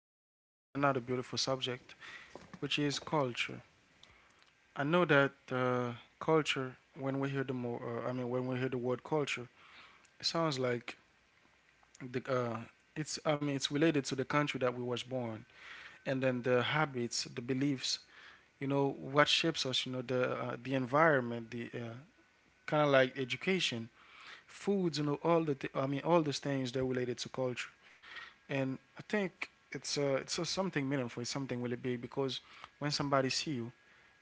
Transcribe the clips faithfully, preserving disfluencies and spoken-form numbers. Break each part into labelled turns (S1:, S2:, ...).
S1: with a with another beautiful subject, which is culture. I know that uh, Culture, when we hear the more, uh, I mean, when we hear the word culture, it sounds like the uh, it's I mean it's related to the country that we was born, and then the habits, the beliefs, you know, what shapes us, you know, the uh, the environment, the uh, kind of like education, foods, you know, all the th- I mean all those things they're related to culture. And I think it's uh, it's uh, something meaningful. It's something really big because when somebody see you,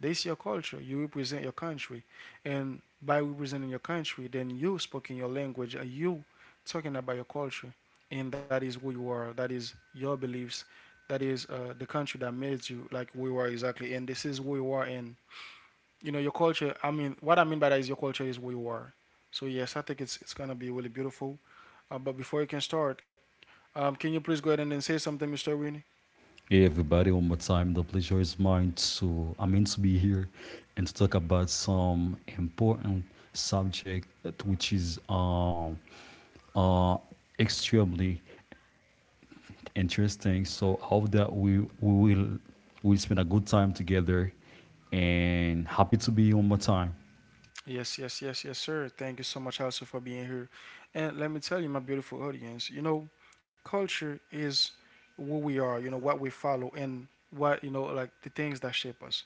S1: they see your culture. You represent your country, and by representing your country, then you spoke in your language. Are you talking about your culture? And that is who you are. That is your beliefs. That is uh, the country that made you like who you are exactly. And this is who you are. And you know your culture. I mean, what I mean by that is your culture is who you are. So yes, I think it's it's gonna be really beautiful. Uh, but before you can start, um, can you please go ahead and then say something, Mister Winnie?
S2: Hey everybody, one more time. The pleasure is mine to I mean to be here and to talk about some important subject that- which is um uh extremely interesting. So I hope that we we will we spend a good time together and happy to be here one more time.
S1: Yes, yes, yes, yes, sir. Thank you so much also for being here. And let me tell you, my beautiful audience, you know, culture is who we are, you know, what we follow and what, you know, like the things that shape us.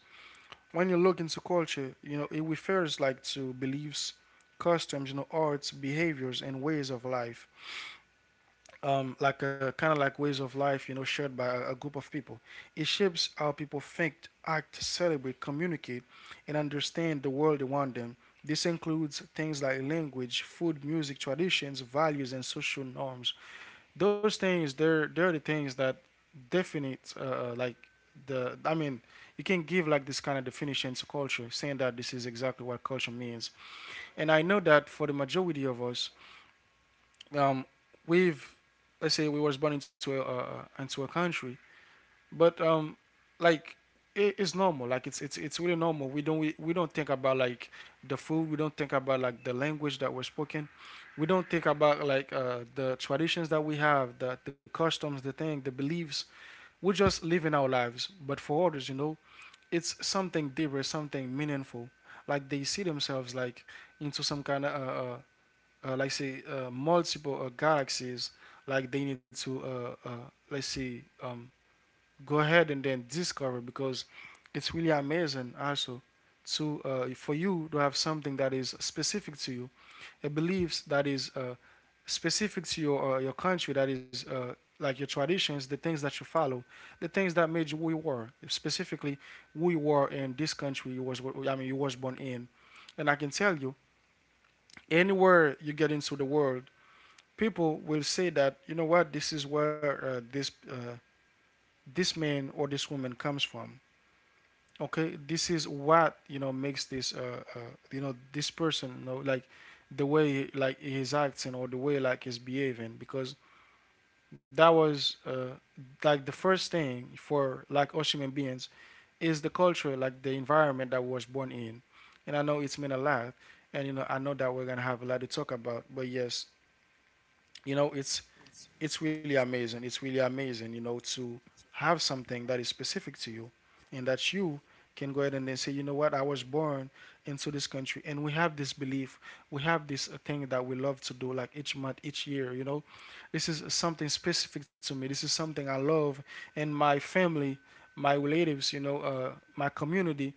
S1: When you look into culture, you know, it refers like to beliefs, customs, you know, arts, behaviors, and ways of life um, like a kind of like ways of life, you know, shared by a, a group of people. It shapes how people think, act, celebrate, communicate, and understand the world around them. This includes things like language, food, music, traditions, values, and social norms. Those things, they're they're the things that definite, uh, uh, like the. I mean, you can give like this kind of definition to culture, saying that this is exactly what culture means. And I know that for the majority of us, um, we've let's say we was born into a uh, into a country, but um, like it, it's normal. Like it's it's it's really normal. We don't we, we don't think about like the food. We don't think about like the language that we're spoken. We don't think about like uh, the traditions that we have, the the customs, the thing, the beliefs. We're just living our lives. But for others, you know, it's something deeper, something meaningful. Like they see themselves like into some kind of uh, uh, uh, like say uh, multiple uh, galaxies like they need to uh, uh, let's say um, go ahead and then discover because it's really amazing also to uh, for you to have something that is specific to you, a beliefs that is uh, specific to your uh, your country, that is uh, like your traditions, the things that you follow, the things that made you who you were specifically, who you were in this country you was, I mean you was born in. And I can tell you, anywhere you get into the world, people will say that, you know what, this is where uh, this uh, this man or this woman comes from. Okay, this is what, you know, makes this uh, uh you know, this person, you know, like the way like he's acting or the way like he's behaving, because that was uh like the first thing for like us human beings is the culture, like the environment that we was born in. And I know it's meant a lot, and you know I know that we're gonna have a lot to talk about. But yes, you know, it's it's really amazing. It's really amazing, you know, to have something that is specific to you and that you can go ahead and then say, you know what, I was born into this country and we have this belief, we have this uh, thing that we love to do like each month, each year, you know. This is something specific to me. This is something I love, and my family, my relatives, you know, uh, my community,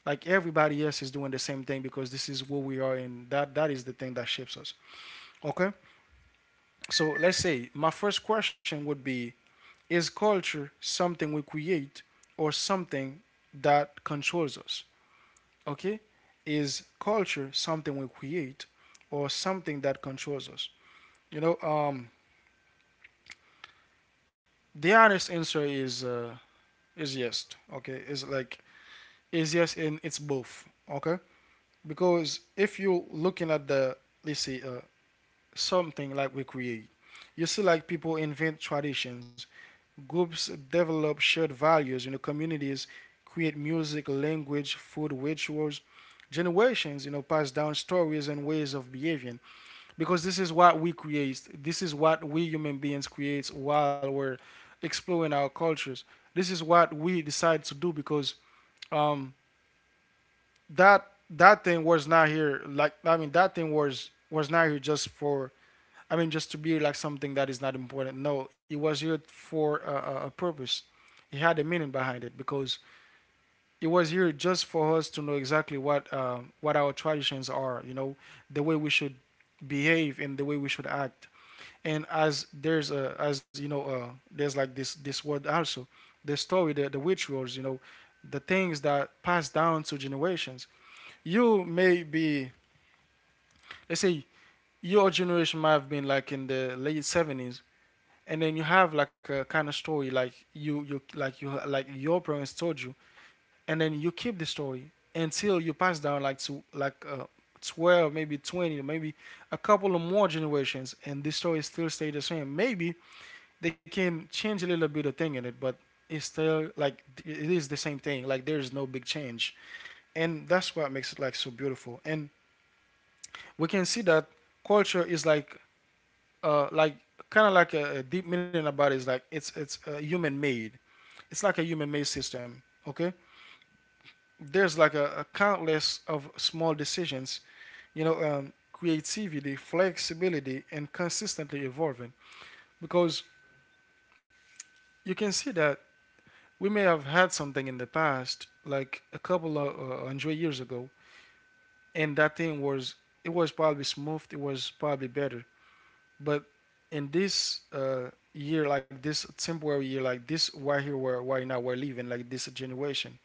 S1: like everybody else is doing the same thing because this is who we are, and that that is the thing that shapes us. Okay? So let's say my first question would be, is culture something we create or something that controls us? Okay? Is culture something we create or something that controls us? You know, um, the honest answer is uh, is yes. Okay, is like is yes, and it's both. Okay, because if you're looking at the, let's say uh, something like we create, you see like people invent traditions, groups develop shared values, you know, communities create music, language, food, rituals. Generations, you know, pass down stories and ways of behaving, because this is what we create. This is what we human beings create while we're exploring our cultures. This is what we decide to do because um, that that thing was not here. Like I mean, that thing was was not here just for, I mean, just to be like something that is not important. No, it was here for a, a- purpose. It had a meaning behind it because it was here just for us to know exactly what uh, what our traditions are. You know, the way we should behave and the way we should act. And as there's a, as you know, uh, there's like this this word also, the story, the the rituals. You know, the things that pass down to generations. You may be, let's say, your generation might have been like in the late seventies, and then you have like a kind of story like you you like you like your parents told you, and then you keep the story until you pass down like to like uh, twelve, maybe twenty, maybe a couple of more generations, and this story still stay the same. Maybe they can change a little bit of thing in it, but it's still like it is the same thing, like there is no big change. And that's what makes it like so beautiful. And we can see that culture is like uh, like kind of like a, a deep meaning about it, is like it's it's uh, human made. It's like a human made system. Okay, there's like a, a countless of small decisions, you know, um, creativity, flexibility, and consistently evolving. Because you can see that we may have had something in the past, like a couple of uh, hundred years ago, and that thing was, it was probably smooth, it was probably better. But in this uh, year, like this temporary year, like this why here, where why now we're living, like this generation,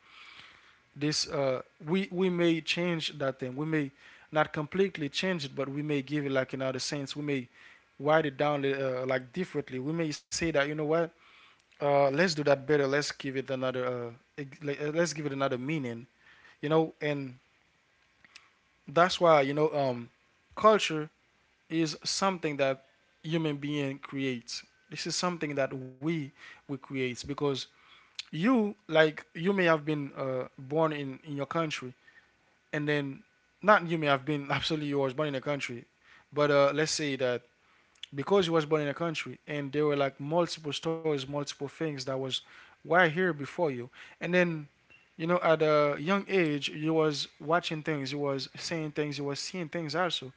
S1: this uh, we we may change that thing. We may not completely change it, but we may give it like another sense. We may write it down uh, like differently. We may say that, you know what, uh, let's do that better. Let's give it another. Uh, like, uh, let's give it another meaning. You know, and that's why, you know, um, culture is something that human being creates. This is something that we we create because you, like you may have been uh, born in in your country, and then not you may have been absolutely you was born in a country, but uh, let's say that because you was born in a country and there were like multiple stories, multiple things that was why here before you, and then you know at a young age you was watching things, you was saying things, you was seeing things also.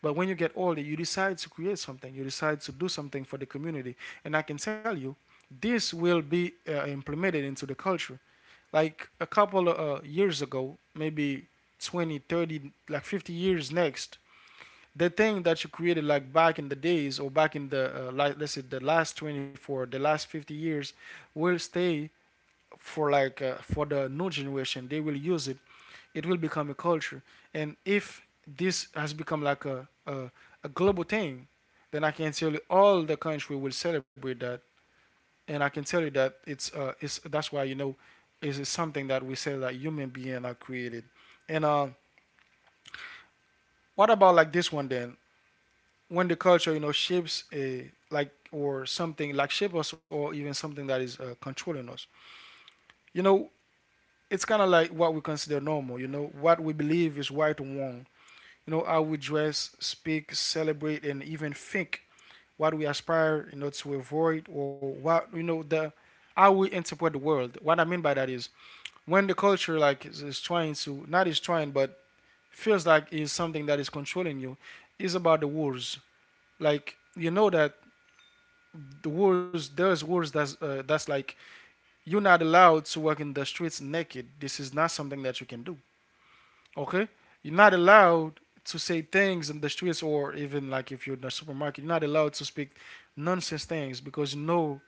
S1: But when you get older, you decide to create something, you decide to do something for the community. And I can tell you, this will be uh, implemented into the culture. Like a couple of uh, years ago, maybe twenty, thirty, like fifty years next, the thing that you created like back in the days or back in the, uh, like, let's say, the last twenty-four, the last fifty years, will stay for like uh, for the new generation. They will use it. It will become a culture. And if this has become like a, a, a global thing, then I can tell you all the country will celebrate that. And I can tell you that it's uh it's that's why, you know, is it something that we say that human being are created. And uh what about like this one then, when the culture, you know, shapes a like or something like shape us, or even something that is uh, controlling us, you know, it's kind of like what we consider normal, you know, what we believe is right and wrong. You know, how we dress, speak, celebrate, and even think, what we aspire, you know, to avoid, or what, you know, the how we interpret the world. What I mean by that is when the culture, like, is, is trying to, not is trying, but feels like is something that is controlling you, is about the wars. Like, you know that the wars there's wars that's uh, that's like you're not allowed to walk in the streets naked. This is not something that you can do. Okay, you're not allowed to say things in the streets, or even like if you're in a supermarket, you're not allowed to speak nonsense things, because you know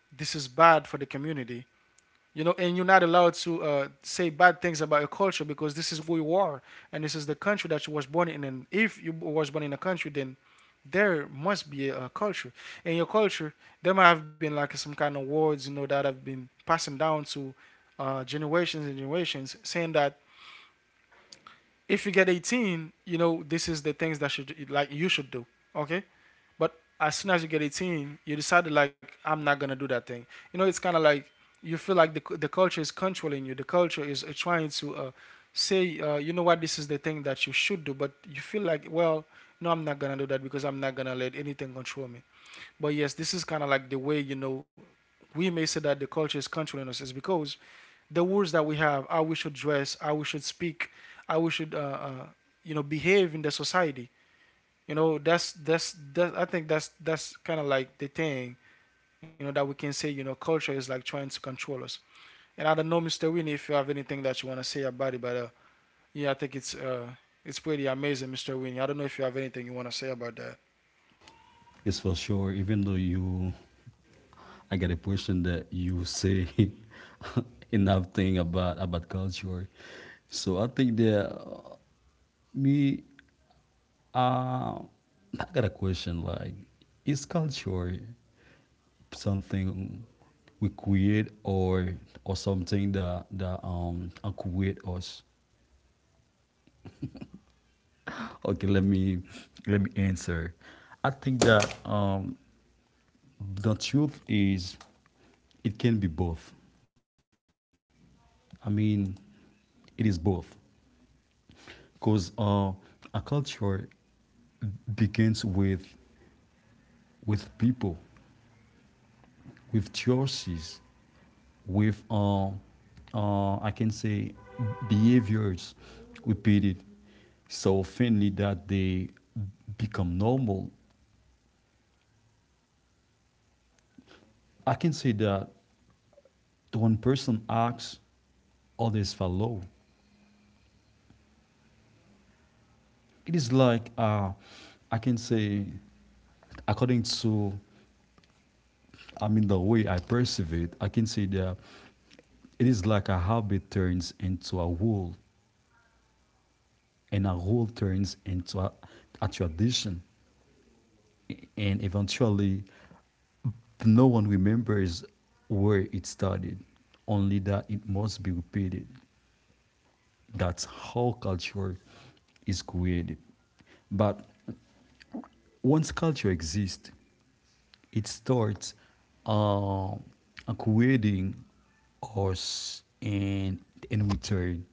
S1: this is bad for the community. You know, and you're not allowed to uh, say bad things about your culture, because this is who you are and this is the country that you was born in. And if you was born in a country, then there must be a, a culture. And your culture, there might have been like some kind of words, you know, that have been passing down to uh, generations and generations, saying that if you get eighteen, you know this is the things that should like you should do. Okay, but as soon as you get eighteen, you decided like I'm not gonna do that thing. You know, it's kind of like you feel like the the culture is controlling you. The culture is uh, trying to uh, say, uh, you know what, this is the thing that you should do, but you feel like, well, no, I'm not gonna do that because I'm not gonna let anything control me. But yes, this is kind of like the way you know we may say that the culture is controlling us, is because the words that we have, how we should dress, how we should speak, how we should, uh, uh, you know, behave in the society. You know, that's that's that. I think that's that's kind of like the thing. You know, that we can say. You know, culture is like trying to control us. And I don't know, mister Winnie, if you have anything that you want to say about it, but uh, yeah, I think it's uh, it's pretty amazing, mister Winnie. I don't know if you have anything you want to say about that.
S2: It's for sure, even though you I get a question that you say enough thing about about culture. So I think that me Uh, I got a question. Like, is culture something we create or or something that that um create us? Okay, let me let me answer. I think that um the truth is it can be both. I mean, it is both because uh, a culture begins with with people, with choices, with uh, uh, I can say behaviors repeated so finally that they become normal. I can say that one person acts, others follow. It is like uh, I can say, according to I mean, the way I perceive it, I can say that it is like a habit turns into a rule, and a rule turns into a, a tradition. And eventually no one remembers where it started, only that it must be repeated. That's how culture is created. But once culture exists, it starts uh, creating us and in return,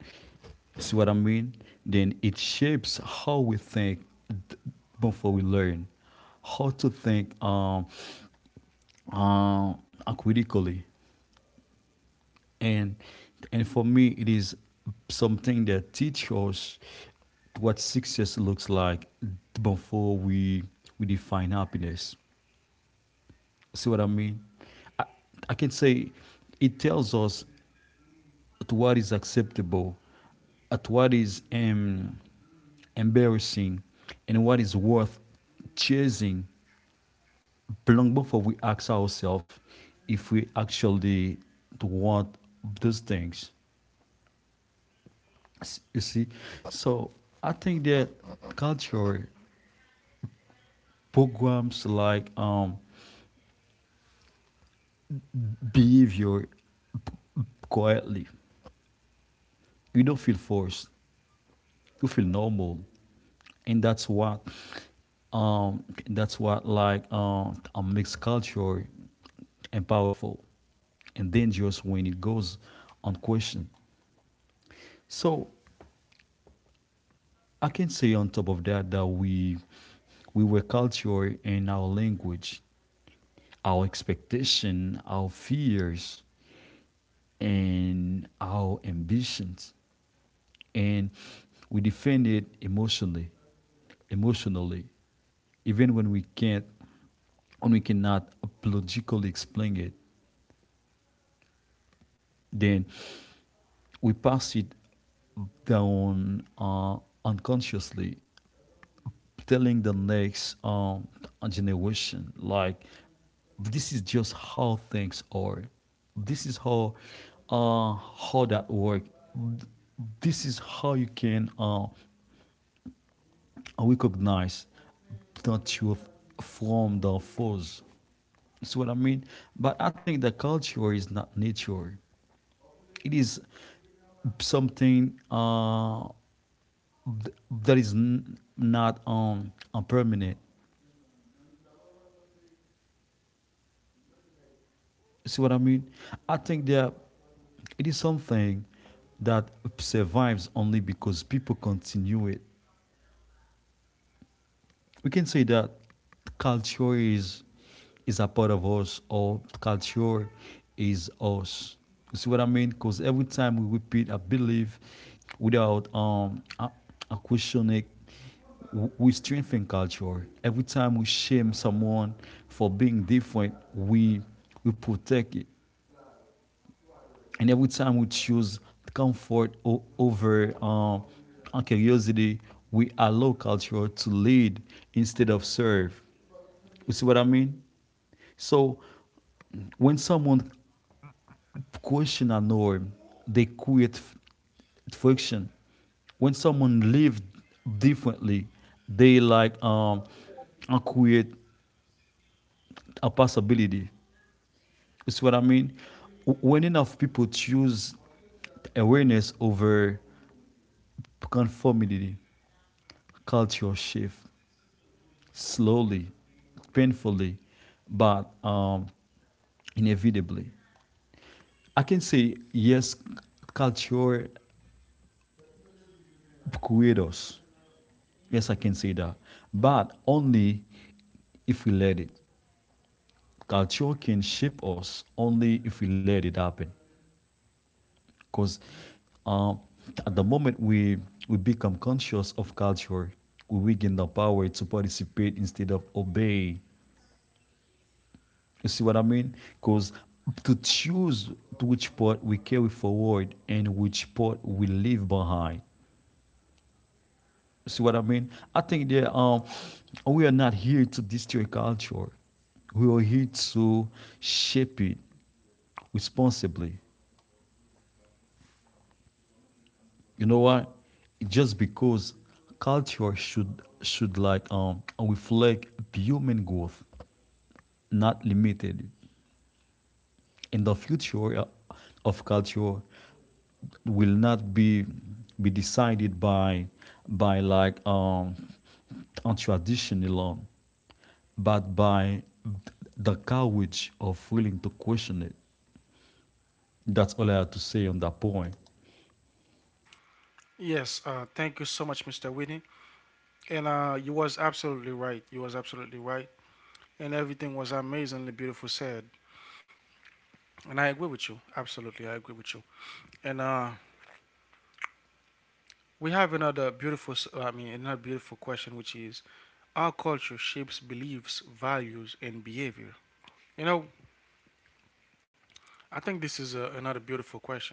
S2: see what I mean? Then it shapes how we think before we learn how to think um, uh, critically, and and for me, it is something that teaches us what success looks like before we we define happiness. See what I mean? I, I can say it tells us at what is acceptable, at what is um, embarrassing, and what is worth chasing long before we ask ourselves if we actually want those things. You see, so I think that culture programs like um, behavior quietly. You don't feel forced. You feel normal, and that's what um, that's what like um, a mixed culture and powerful and dangerous when it goes unquestioned. So I can say on top of that, that we we were cultured in our language, our expectation, our fears, and our ambitions, and we defend it emotionally, emotionally, even when we can't, when we cannot logically explain it. Then we pass it down uh, unconsciously, telling the next um, generation, like, this is just how things are, this is how uh, how that work, this is how you can uh, recognize the truth from the false. See what I mean? But I think the culture is not nature. It is something uh, that is n- not um, permanent. See what I mean? I think that it is something that survives only because people continue it. We can say that culture is is a part of us, or culture is us. You see what I mean? Because every time we repeat a belief without um a, a question, we strengthen culture. Every time we shame someone for being different, we we protect it. And every time we choose comfort over um, curiosity, we allow culture to lead instead of serve. You see what I mean? So when someone question a norm, they create friction. When someone lives differently, they like um, uh, create a possibility. You see what I mean? When enough people choose awareness over conformity, culture shift slowly, painfully, but um, inevitably. I can say yes, culture creates us. Yes, I can say that, but only if we let it. Culture can shape us only if we let it happen. Because um, at the moment we we become conscious of culture, we weaken the power to participate instead of obey. You see what I mean? Because to choose to which part we carry forward and which part we leave behind. You see what I mean? I think that um, we are not here to destroy culture. We are here to shape it responsibly. You know what? Just because culture should should like um reflect human growth, not limited. In the future uh, of culture will not be be decided by by like um on tradition alone, but by the courage of willing to question it. That's all I have to say on that point.
S1: Yes, uh, thank you so much, mister Winnie. And uh, you was absolutely right. You was absolutely right, and everything was amazingly beautiful said. And I agree with you. Absolutely, I agree with you. And uh, we have another beautiful, s- I mean, another beautiful question, which is our culture shapes beliefs, values, and behavior. You know, I think this is a, another beautiful question.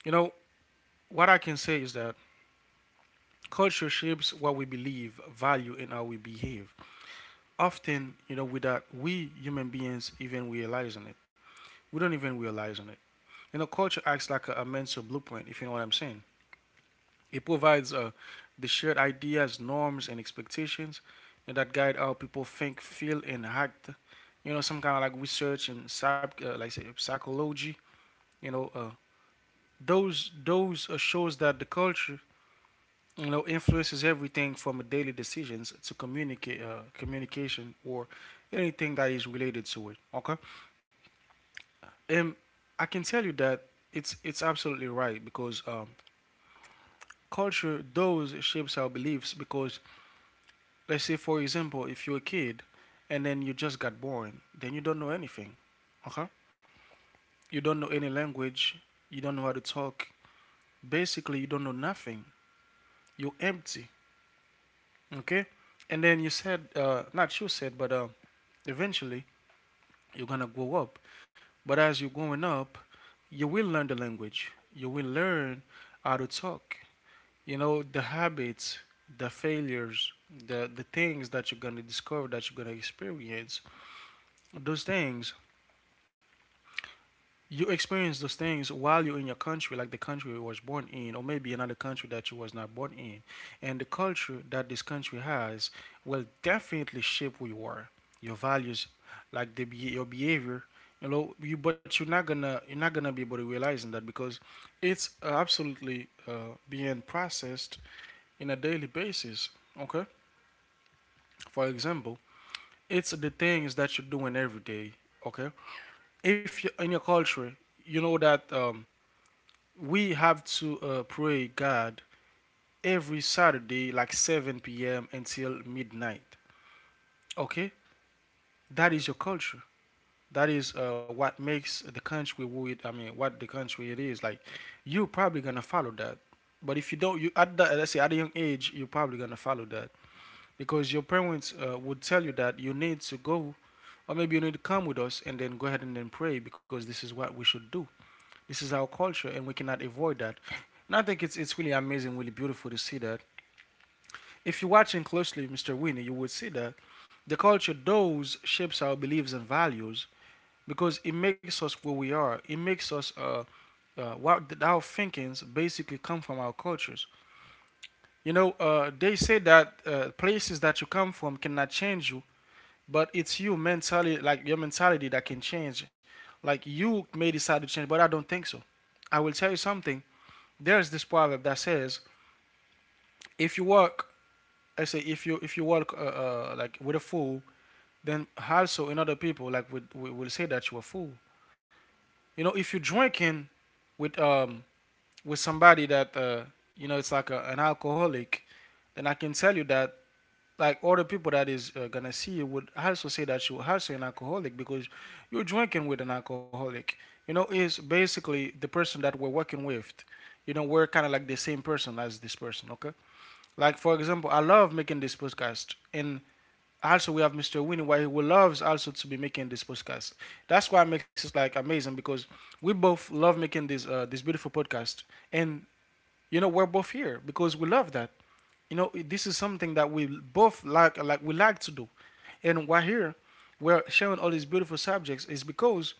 S1: You know, what I can say is that culture shapes what we believe, value, and how we behave. Often, you know, without we human beings even realizing it, we don't even realize on it. You know, culture acts like a, a mental blueprint, if you know what I'm saying. It provides uh, the shared ideas, norms, and expectations, you know, that guide how people think, feel, and act. You know, some kind of like research and psych, uh, like say psychology. You know, uh, those those uh, shows that the culture you know influences everything from daily decisions to communicate uh, communication or anything that is related to it. Okay, and I can tell you that it's it's absolutely right because um, culture those shapes our beliefs because, let's say, for example, if you're a kid and then you just got born, then you don't know anything. Okay? You don't know any language. You don't know how to talk. Basically, you don't know nothing. You're empty. Okay? And then you said, uh, not you said, but uh, eventually you're going to grow up. But as you're growing up, you will learn the language. You will learn how to talk. You know, the habits, the failures, the, the things that you're going to discover, that you're going to experience, those things. You experience those things while you're in your country, like the country you was born in, or maybe another country that you was not born in. And the culture that this country has will definitely shape who you are, your values, like the be- your behavior. You know you, but you're not gonna you're not gonna be able to realize in that, because it's uh, absolutely uh, being processed in a daily basis. Okay, for example, it's the things that you're doing every day. Okay, if you're in your culture, you know that um, we have to uh, pray God every Saturday, like seven p m until midnight. Okay, that is your culture. That is uh, what makes the country what it, I mean, what the country it is. Like, you're probably gonna follow that. But if you don't, you at the, let's say at a young age, you're probably gonna follow that, because your parents uh, would tell you that you need to go, or maybe you need to come with us and then go ahead and then pray, because this is what we should do. This is our culture, and we cannot avoid that. And I think it's it's really amazing, really beautiful to see that. If you're watching closely, mister Winnie, you would see that the culture does shapes our beliefs and values, because it makes us where we are. It makes us uh, uh, what our thinkings basically come from our cultures. You know, uh, they say that uh, places that you come from cannot change you, but it's you mentally, like your mentality, that can change. Like you may decide to change, but I don't think so. I will tell you something. There's this proverb that says, if you work, I say if you if you work uh, uh, like with a fool, then also in other people like we we will say that you're a fool. You know, if you're drinking with um with somebody that uh you know it's like a, an alcoholic, then I can tell you that like other people that is uh, gonna see you would also say that you're also an alcoholic, because you're drinking with an alcoholic. You know, is basically the person that we're working with. You know, we're kind of like the same person as this person. Okay, like for example, I love making this podcast, and also we have mister Winnie, why who loves also to be making this podcast. That's why it makes it like amazing, because we both love making this uh, this beautiful podcast, and you know we're both here because we love that. You know this is something that we both like like we like to do, and why here we're sharing all these beautiful subjects is because,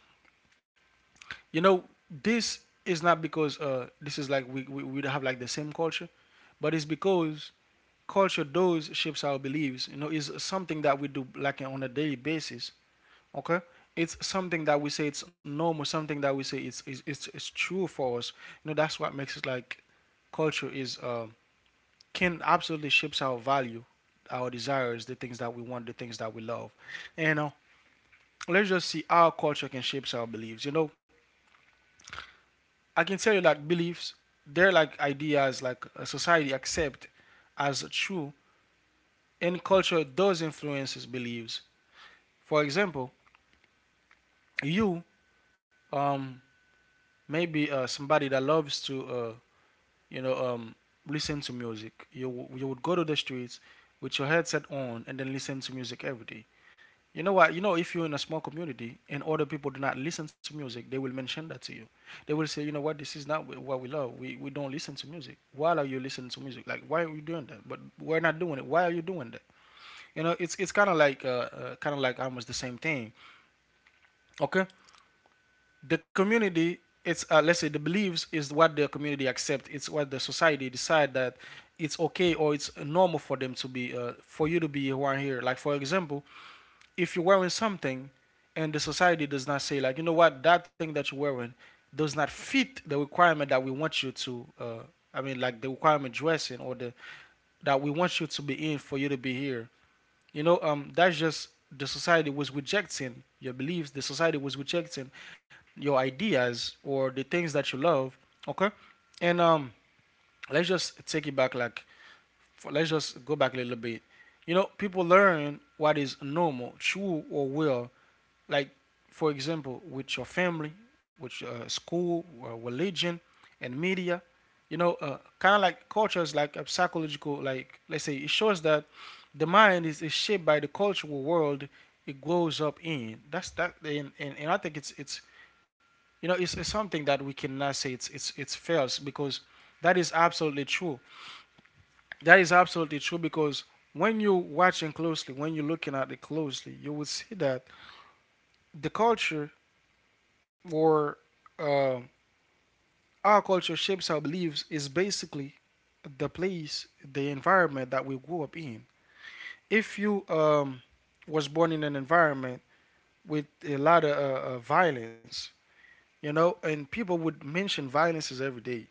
S1: you know, this is not because uh, this is like we, we we have like the same culture, but it's because culture does shapes our beliefs. You know, is something that we do like on a daily basis. Okay, it's something that we say it's normal, something that we say it's it's, it's, it's true for us. You know, that's what makes it like culture is uh, can absolutely shapes our value, our desires, the things that we want, the things that we love. And uh, let's just see how culture can shapes our beliefs. You know, I can tell you that beliefs, they're like ideas like a society accept as true, and culture does influences beliefs. For example, you um maybe uh, somebody that loves to uh you know um listen to music. You you would go to the streets with your headset on and then listen to music every day. You know what? You know if you're in a small community and other people do not listen to music, they will mention that to you. They will say, you know what, this is not what we love. We we don't listen to music. Why are you listening to music? Like why are you doing that? But we're not doing it. Why are you doing that? You know, it's it's kind of like uh, uh kind of like almost the same thing. Okay, the community, it's uh, let's say the beliefs is what the community accept, it's what the society decide that it's okay or it's normal for them to be uh, for you to be one here. Like for example, if you're wearing something and the society does not say like, you know what, that thing that you're wearing does not fit the requirement that we want you to uh, I mean like the requirement dressing or the that we want you to be in for you to be here. You know, um, that's just the society was rejecting your beliefs. The society was rejecting your ideas or the things that you love. Okay, and um, let's just take it back. Like, f let's just go back a little bit. You know, people learn what is normal, true, or real, like for example with your family, with uh, school, uh, religion, and media. You know, uh, kind of like culture is like a psychological, like let's say it shows that the mind is, is shaped by the cultural world it grows up in. That's that, and, and, and I think it's it's you know it's, it's something that we cannot say it's it's it's false, because that is absolutely true. That is absolutely true, because when you're watching closely, when you're looking at it closely, you will see that the culture, or uh, our culture shapes our beliefs, is basically the place, the environment that we grew up in. If you um, was born in an environment with a lot of uh, uh, violence, you know, and people would mention violences every day,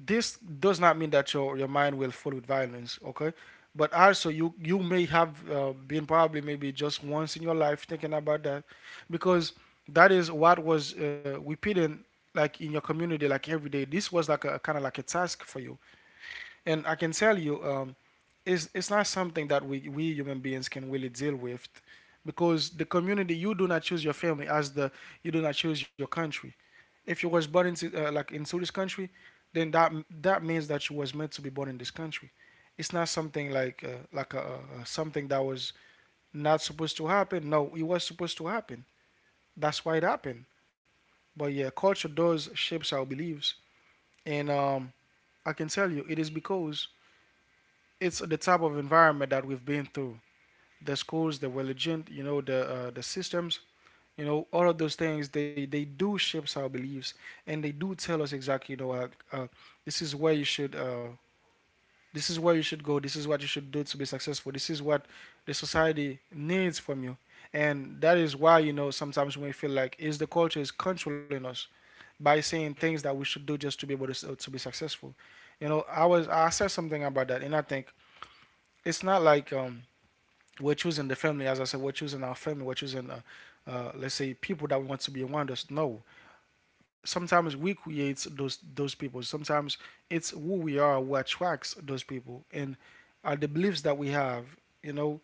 S1: this does not mean that your, your mind will full with violence, okay. But also you you may have uh, been probably maybe just once in your life thinking about that, because that is what was uh, repeated, like in your community, like every day. This was like a kind of like a task for you. And I can tell you um, it's, it's not something that we, we human beings can really deal with, because the community, you do not choose your family as the, you do not choose your country. If you was born into uh, like into this country, then that, that means that you was meant to be born in this country. It's not something like uh, like a, a, a something that was not supposed to happen. No, it was supposed to happen. That's why it happened. But yeah, culture does shapes our beliefs, and um, I can tell you it is because it's the type of environment that we've been through. The schools, the religion, you know, the uh, the systems. You know, all of those things, they they do shape our beliefs, and they do tell us exactly, you know, uh, uh, this is where you should, uh, this is where you should go. This is what you should do to be successful. This is what the society needs from you, and that is why, you know, sometimes we feel like is the culture is controlling us by saying things that we should do just to be able to uh, to be successful. You know, I was I said something about that, and I think it's not like um we're choosing the family. As I said, we're choosing our family, we're choosing, uh, uh, let's say, people that we want to be around us. No, sometimes we create those those people. Sometimes it's who we are who attracts those people, and are the beliefs that we have. You know,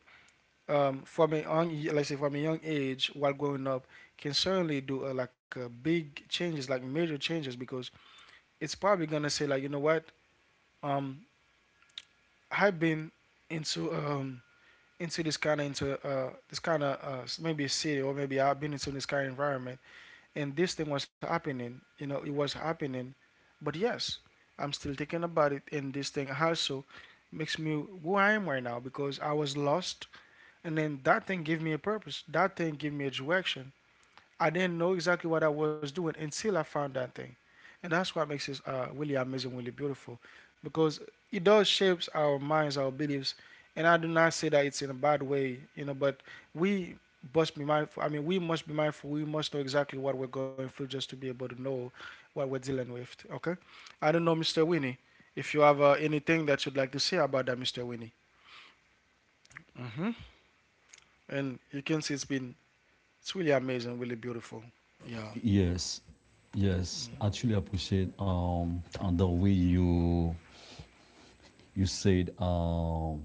S1: um, from a young, let's say from a young age, while growing up, can certainly do uh, like uh, big changes, like major changes, because it's probably gonna say like, you know what, um, I've been into um, into this kind of, into uh this kind of uh maybe a city, or maybe I've been into this kind of environment, and this thing was happening, you know, it was happening. But yes, I'm still thinking about it, and this thing also makes me who I am right now, because I was lost, and then that thing gave me a purpose, that thing gave me a direction. I didn't know exactly what I was doing until I found that thing, and that's what makes it uh, really amazing, really beautiful, because it does shapes our minds, our beliefs, and I do not say that it's in a bad way, you know. But we must be mindful. I mean, we must be mindful. We must know exactly what we're going through just to be able to know what we're dealing with. Okay, I don't know, mister Winnie, if you have uh, anything that you'd like to say about that, mister Winnie. Hmm. And you can see it's been, it's really amazing, really beautiful. Yeah.
S2: Yes, yes. Actually, I appreciate um on the way you you said um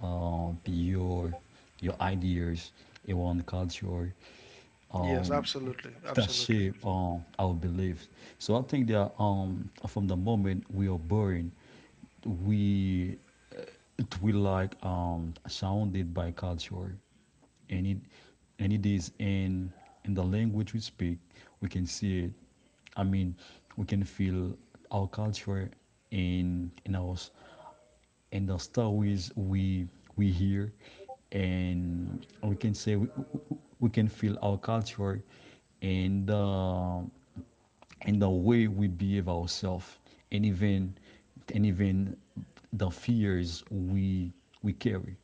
S2: um your your ideas around culture
S1: Yes, absolutely.
S2: that
S1: Absolutely.
S2: shape um, our beliefs. So I think that um, from the moment we are born, we it will like um sounded by culture, and it and it is in in the language we speak. We can see it. I mean, we can feel our culture in in our s- in the stories we we hear. And we can say we, we we can feel our culture, and uh, in the way we behave ourselves, and even and even the fears we we carry.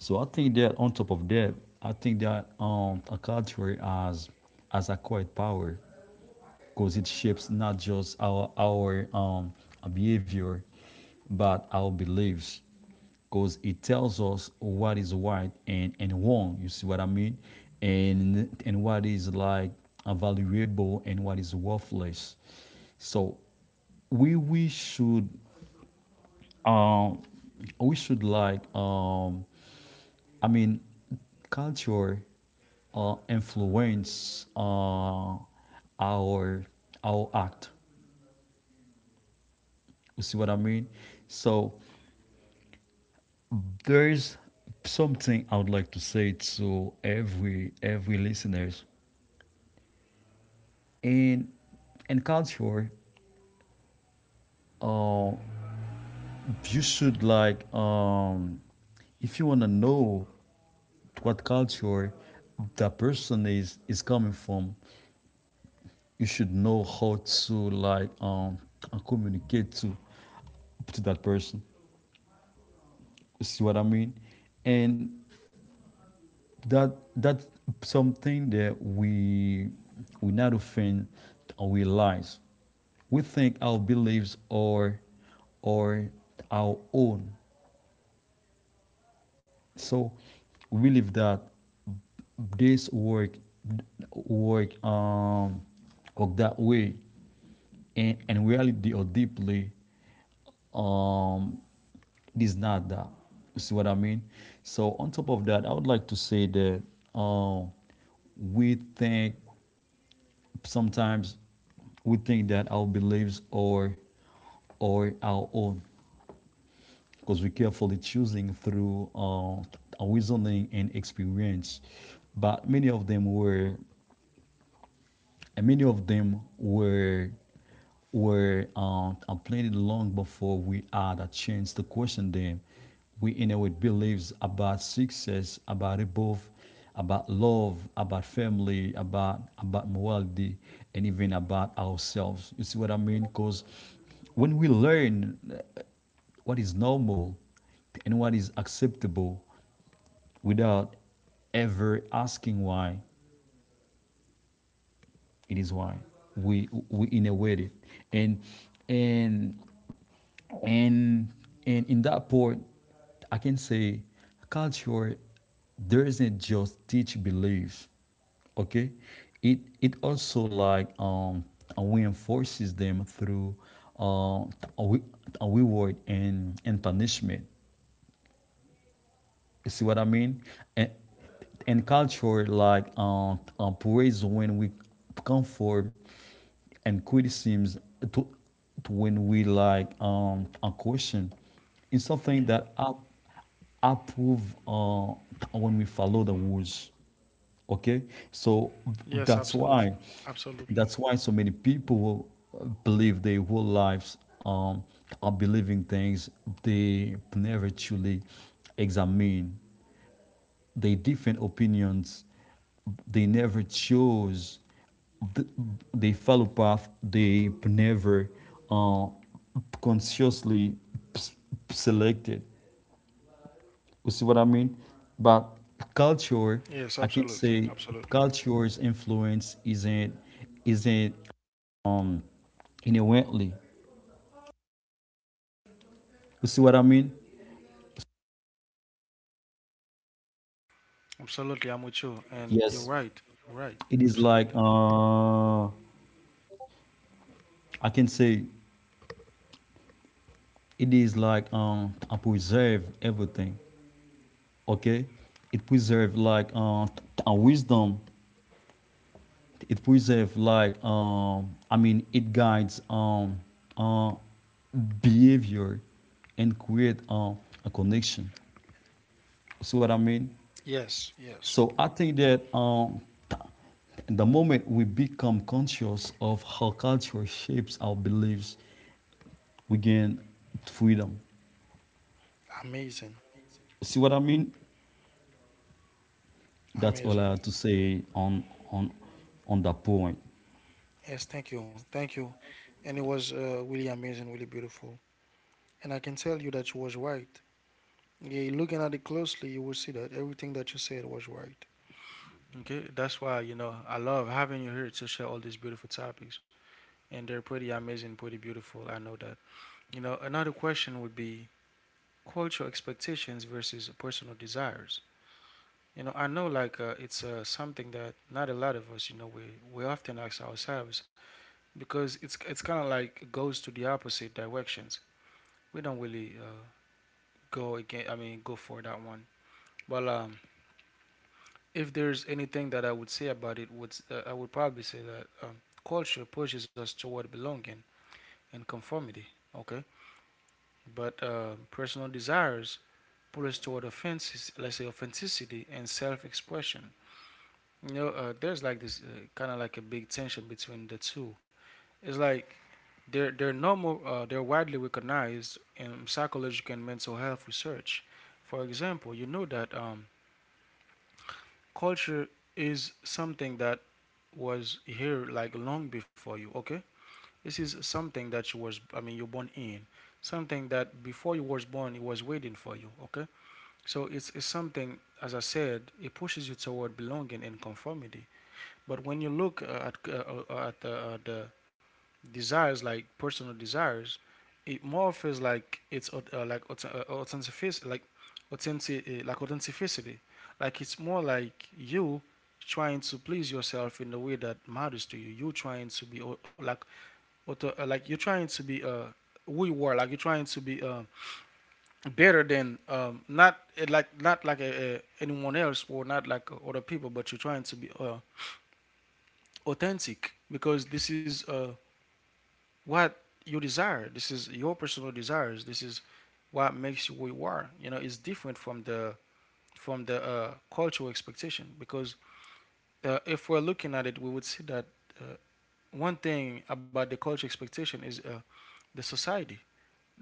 S2: So I think that on top of that, I think that um, a culture has has acquired power because it shapes not just our our um, behavior, but our beliefs. Because it tells us what is right and and wrong. You see what I mean? And and what is like valuable and what is worthless. So we we should um we should like um I mean, culture uh, influence uh, our our act. You see what I mean? So there is something I would like to say to every every listeners in in culture. Uh, you should like um, if you wanna know what culture that person is is coming from, you should know how to like um communicate to to that person. You see what I mean? And that that's something that we we not often realize. We lies. We think our beliefs are are our own. So we believe that this work work um work that way, and and reality or deeply um it is not that. You see what I mean? So on top of that, I would like to say that um we think sometimes we think that our beliefs are are our own because we're carefully choosing through uh, our reasoning and experience. But many of them were and many of them were were um, planted long before we had a chance to question them. We inherit beliefs about success, about above, about love, about family, about about morality, and even about ourselves. You see what I mean? Because when we learn what is normal and what is acceptable without ever asking why, it is why we we innovated, and and and and in that part, I can say culture does isn't just teach beliefs, okay? It it also like um reinforces them through uh, reward and and punishment. You see what I mean? And and culture like um, um praise when we conform, and criticisms to, to when we like um a question, is something
S1: Yeah.
S2: that up, approve uh when we follow the rules. Okay, so
S1: Yes,
S2: that's why
S1: absolutely. Absolutely.
S2: that's why so many people believe their whole lives um, are believing things they never truly examine, their different opinions they never chose, th- they follow path they never uh, consciously s- selected. You see what I mean? But culture,
S1: Yes,
S2: I can
S1: absolutely.
S2: say
S1: Absolutely.
S2: culture's influence isn't isn't inherently. You see what I mean?
S1: Absolutely, I'm with you. And you're
S2: Yes,
S1: right. You're right.
S2: it is like
S1: Absolutely.
S2: uh, I can say it is like um, I preserve everything. Okay, it preserve like uh, a wisdom. It preserve like um, I mean, it guides um uh, behavior and create uh, a connection. You see what I mean?
S1: Yes, yes.
S2: So I think that um, the moment we become conscious of how culture shapes our beliefs, we gain freedom.
S1: Amazing.
S2: See what I mean? That's all I
S1: Amazing.
S2: have to say on on on that point.
S1: Yes, thank you. Thank you. And it was uh, really amazing, really beautiful. And I can tell you that you was right. Yeah, looking at it closely, you will see that everything that you said was right. Okay, that's why, you know, I love having you here to share all these beautiful topics. And they're pretty amazing, pretty beautiful. I know that. You know, another question would be cultural expectations versus personal desires. You know, I know like uh, it's uh, something that not a lot of us, you know, we, we often ask ourselves, because it's it's kind of like goes to the opposite directions. We don't really uh, go again. I mean, go for that one. Well, um, if there's anything that I would say about it, would uh, I would probably say that um, culture pushes us toward belonging and conformity. Okay, but uh, personal desires pulls toward offenses, let's say authenticity and self-expression. You know, uh, there's like this uh, kind of like a big tension between the two. It's like they're they're normal, uh, they're widely recognized in psychological and mental health research. For example, you know that um, culture is something that was here like long before you. Okay, this is something that you was, I mean, you're born in, something that before you was born, it was waiting for you. Okay. So it's, it's something, as I said, it pushes you toward belonging and conformity. But when you look uh, at uh, uh, at the, uh, the desires, like personal desires, it more feels like it's uh, like aut- uh, authentic, like authentic, uh, like authenticity. Like it's more like you trying to please yourself in the way that matters to you. You trying to be au- like auto, uh, like you're trying to be uh, who you are. Like you're trying to be um better than um, not eh, like not like a, a, anyone else, or not like uh, other people, but you're trying to be uh, authentic, because this is uh, what you desire. This is your personal desires. This is what makes you who you are. You know, it's different from the, from the uh, cultural expectation, because uh, if we're looking at it, we would see that uh, one thing about the cultural expectation is uh, the society.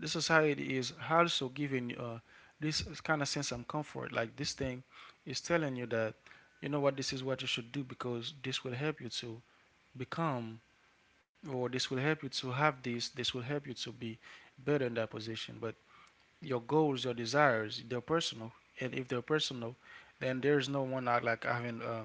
S1: The society is also giving uh, this kind of sense of comfort. Like this thing is telling you that, you know what, this is what you should do, because this will help you to become, or this will help you to have this, this will help you to be better in that position. But your goals, your desires, they're personal. And if they're personal, then there's no one out like having uh,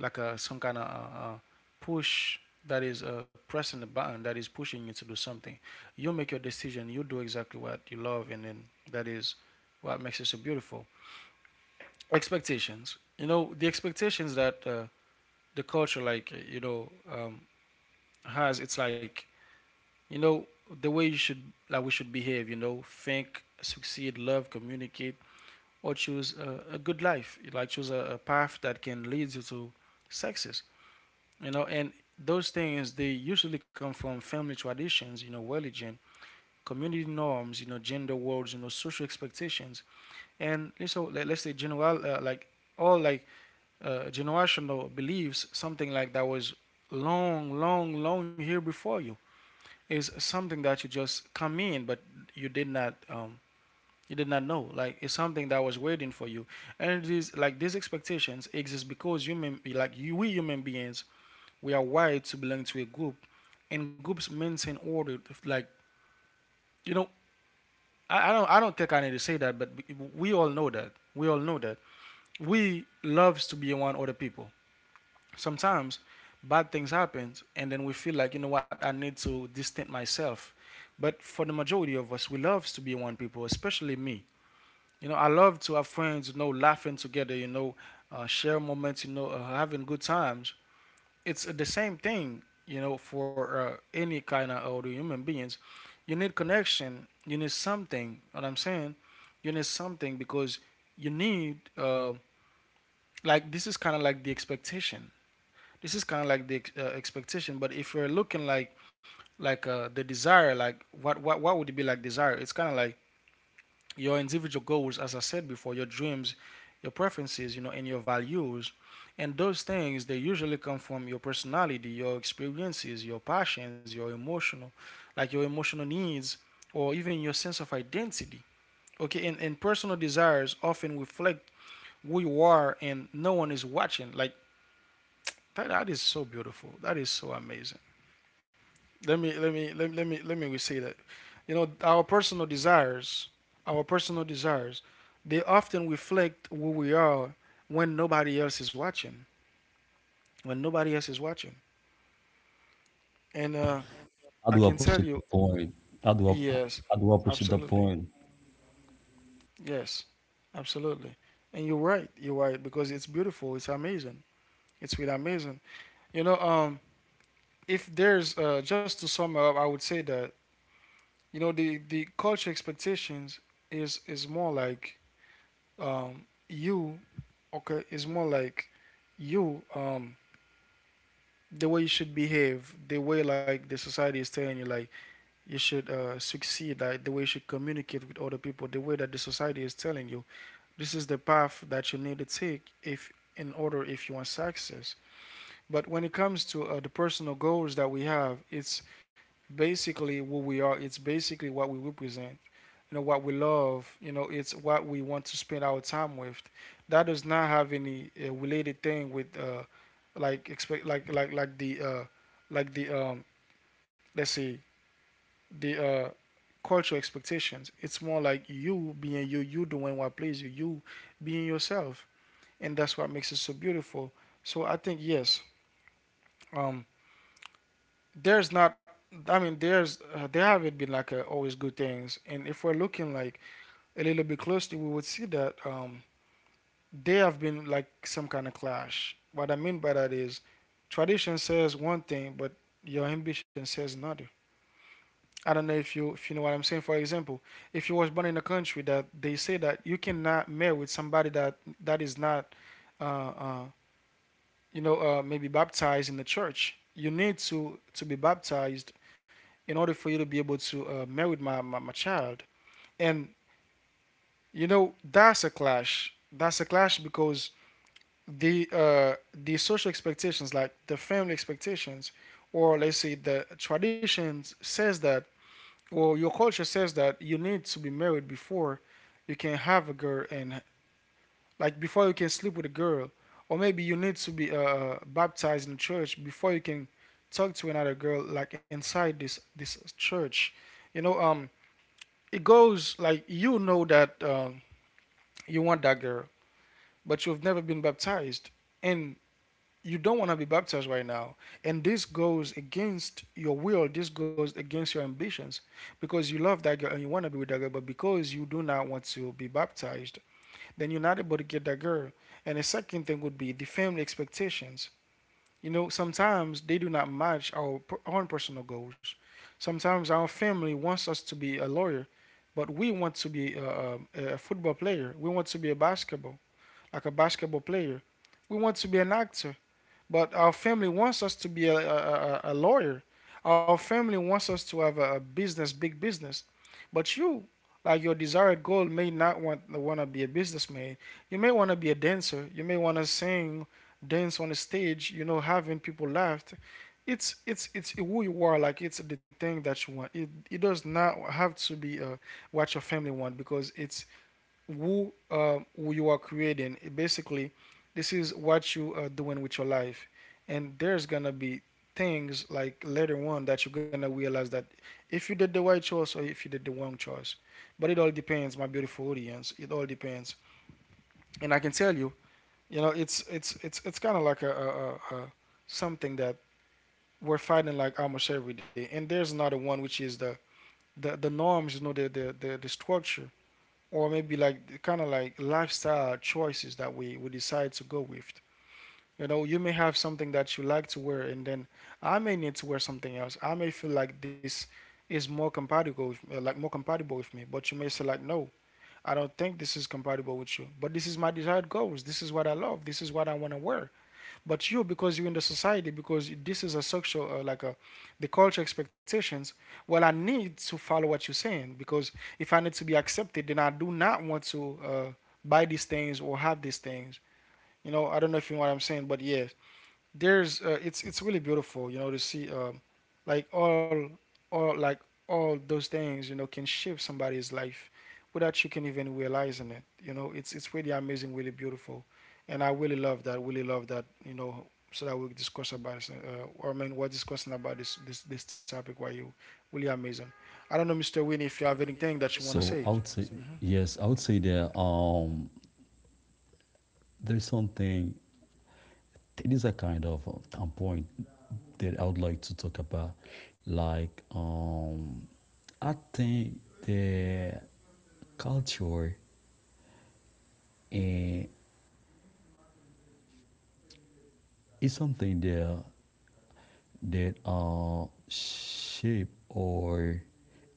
S1: like a some kind of uh, uh, push that is uh, pressing the button that is pushing you to do something. You make your decision. You do exactly what you love, and then that is what makes it so beautiful. Expectations. You know the expectations that uh, the culture, like uh, you know, um, has. It's like you know the way you should, like we should behave. You know, think, succeed, love, communicate, or choose a, a good life. Like choose a, a path that can lead you to success. You know, and those things they usually come from family traditions, you know, religion, community norms, you know, gender roles, you know, social expectations, and so let, us say general uh, like all like uh, generational beliefs, something like that was long, long, long here before you, is something that you just come in, but you did not um, you did not know. Like it's something that was waiting for you, and it is like these expectations exist because human like you, we human beings, we are wired to belong to a group, and groups maintain order. Like, you know, I, I don't I don't think I need to say that, but we all know that. We all know that we loves to be around other people. Sometimes bad things happen, and then we feel like, you know what, I need to distance myself. But for the majority of us, we loves to be around people, especially me. You know, I love to have friends. You know, laughing together. You know, uh, share moments. You know, uh, having good times. It's the same thing, you know, for uh, any kind of other human beings. You need connection. You need something. What I'm saying, you need something because you need uh, like this is kind of like the expectation. This is kind of like the uh, expectation. But if you're looking like like uh, the desire, like what what what would it be like, desire, it's kind of like your individual goals, as I said before, your dreams, your preferences, you know, and your values. And those things, they usually come from your personality, your experiences, your passions, your emotional, like your emotional needs, or even your sense of identity. Okay, and, and personal desires often reflect who you are and no one is watching. Like that, that is so beautiful. That is so amazing. Let me let me let me let me let me say that. You know, our personal desires, our personal desires, they often reflect who we are when nobody else is watching. When nobody else is watching. And uh,
S2: I
S1: I
S2: do
S1: can tell
S2: appreciate the
S1: you,
S2: point. I do ap-
S1: yes,
S2: I do appreciate the
S1: absolutely.
S2: point.
S1: Yes, absolutely. And you're right. You're right, because it's beautiful. It's amazing. It's really amazing. You know, um, if there's uh, just to sum up, I would say that, you know, the the culture expectations is is more like um, you, okay, is more like you um the way you should behave, the way like the society is telling you, like you should uh, succeed, like the way you should communicate with other people, the way that the society is telling you this is the path that you need to take if, in order, if you want success. But when it comes to uh, the personal goals that we have, it's basically what we are. It's basically what we represent, you know, what we love. You know, it's what we want to spend our time with. That does not have any uh, related thing with uh, like expect like like like the uh, like the um let's say the uh cultural expectations. It's more like you being you, you doing what pleases you, you being yourself, and that's what makes it so beautiful. So I think, yes, um there's not, I mean, there's uh, there haven't been like uh always good things, and if we're looking like a little bit closely, we would see that um they have been like some kind of clash. What I mean by that is tradition says one thing, but your ambition says another. I don't know if you, if you know what I'm saying. For example, if you was born in a country that they say that you cannot marry with somebody that that is not, uh, uh, you know, uh, maybe baptized in the church, you need to to be baptized in order for you to be able to uh, marry my, my my child. And you know, that's a clash. That's a clash because the uh, the social expectations, like the family expectations, or let's say the traditions says that, or your culture says that you need to be married before you can have a girl, and like before you can sleep with a girl, or maybe you need to be uh, uh, baptized in the church before you can talk to another girl like inside this this church. You know, um, it goes like, you know that, um, you want that girl, but you've never been baptized, and you don't want to be baptized right now, and this goes against your will. This goes against your ambitions, because you love that girl and you want to be with that girl, but because you do not want to be baptized, then you're not able to get that girl. And the second thing would be the family expectations. You know, sometimes they do not match our per- own personal goals. Sometimes our family wants us to be a lawyer, but we want to be a, a, a football player. We want to be a basketball, like a basketball player. We want to be an actor, but our family wants us to be a, a, a- lawyer. Our family wants us to have a, a business, big business. But you, like your desired goal, may not want want to be a businessman. You may want to be a dancer. You may want to sing, dance on a stage, you know, having people laugh. It's it's it's who you are. Like it's the thing that you want. It it does not have to be uh, what your family want, because it's who, uh, who you are creating. It, basically, this is what you are doing with your life, and there's gonna be things like later on that you're gonna realize that if you did the right choice or if you did the wrong choice. But it all depends, my beautiful audience. It all depends, and I can tell you, you know, it's it's it's it's kind of like a, a, a, a something that we're fighting like almost every day. And there's another one, which is the the, the norms, you know, the, the, the, the structure, or maybe like kind of like lifestyle choices that we we decide to go with. You know, you may have something that you like to wear, and then I may need to wear something else. I may feel like this is more compatible with uh, like more compatible with me, but you may say like, no, I don't think this is compatible with you. But this is my desired goals. This is what I love. This is what I want to wear. But you, because you're in the society, because this is a social, uh, like a, the culture expectations. Well, I need to follow what you're saying, because if I need to be accepted, then I do not want to uh, buy these things or have these things. You know, I don't know if you know what I'm saying, but yeah, there's uh, it's it's really beautiful, you know, to see um like all all like all those things, you know, can shape somebody's life without you can even realizing it. You know, it's it's really amazing, really beautiful, and I really love that, really love that, you know, so that we discuss about this, uh, or I mean we're discussing about this this this topic. Why you, really amazing. I don't know, Mr. Winnie, if you have anything
S2: Really,
S1: that you want
S2: so
S1: to
S2: I
S1: say.
S2: would, well, say yes. I would say that um, there's something. It is a kind of um, point that I would like to talk about. Like, um, I think the culture eh, is something that. that uh, shape or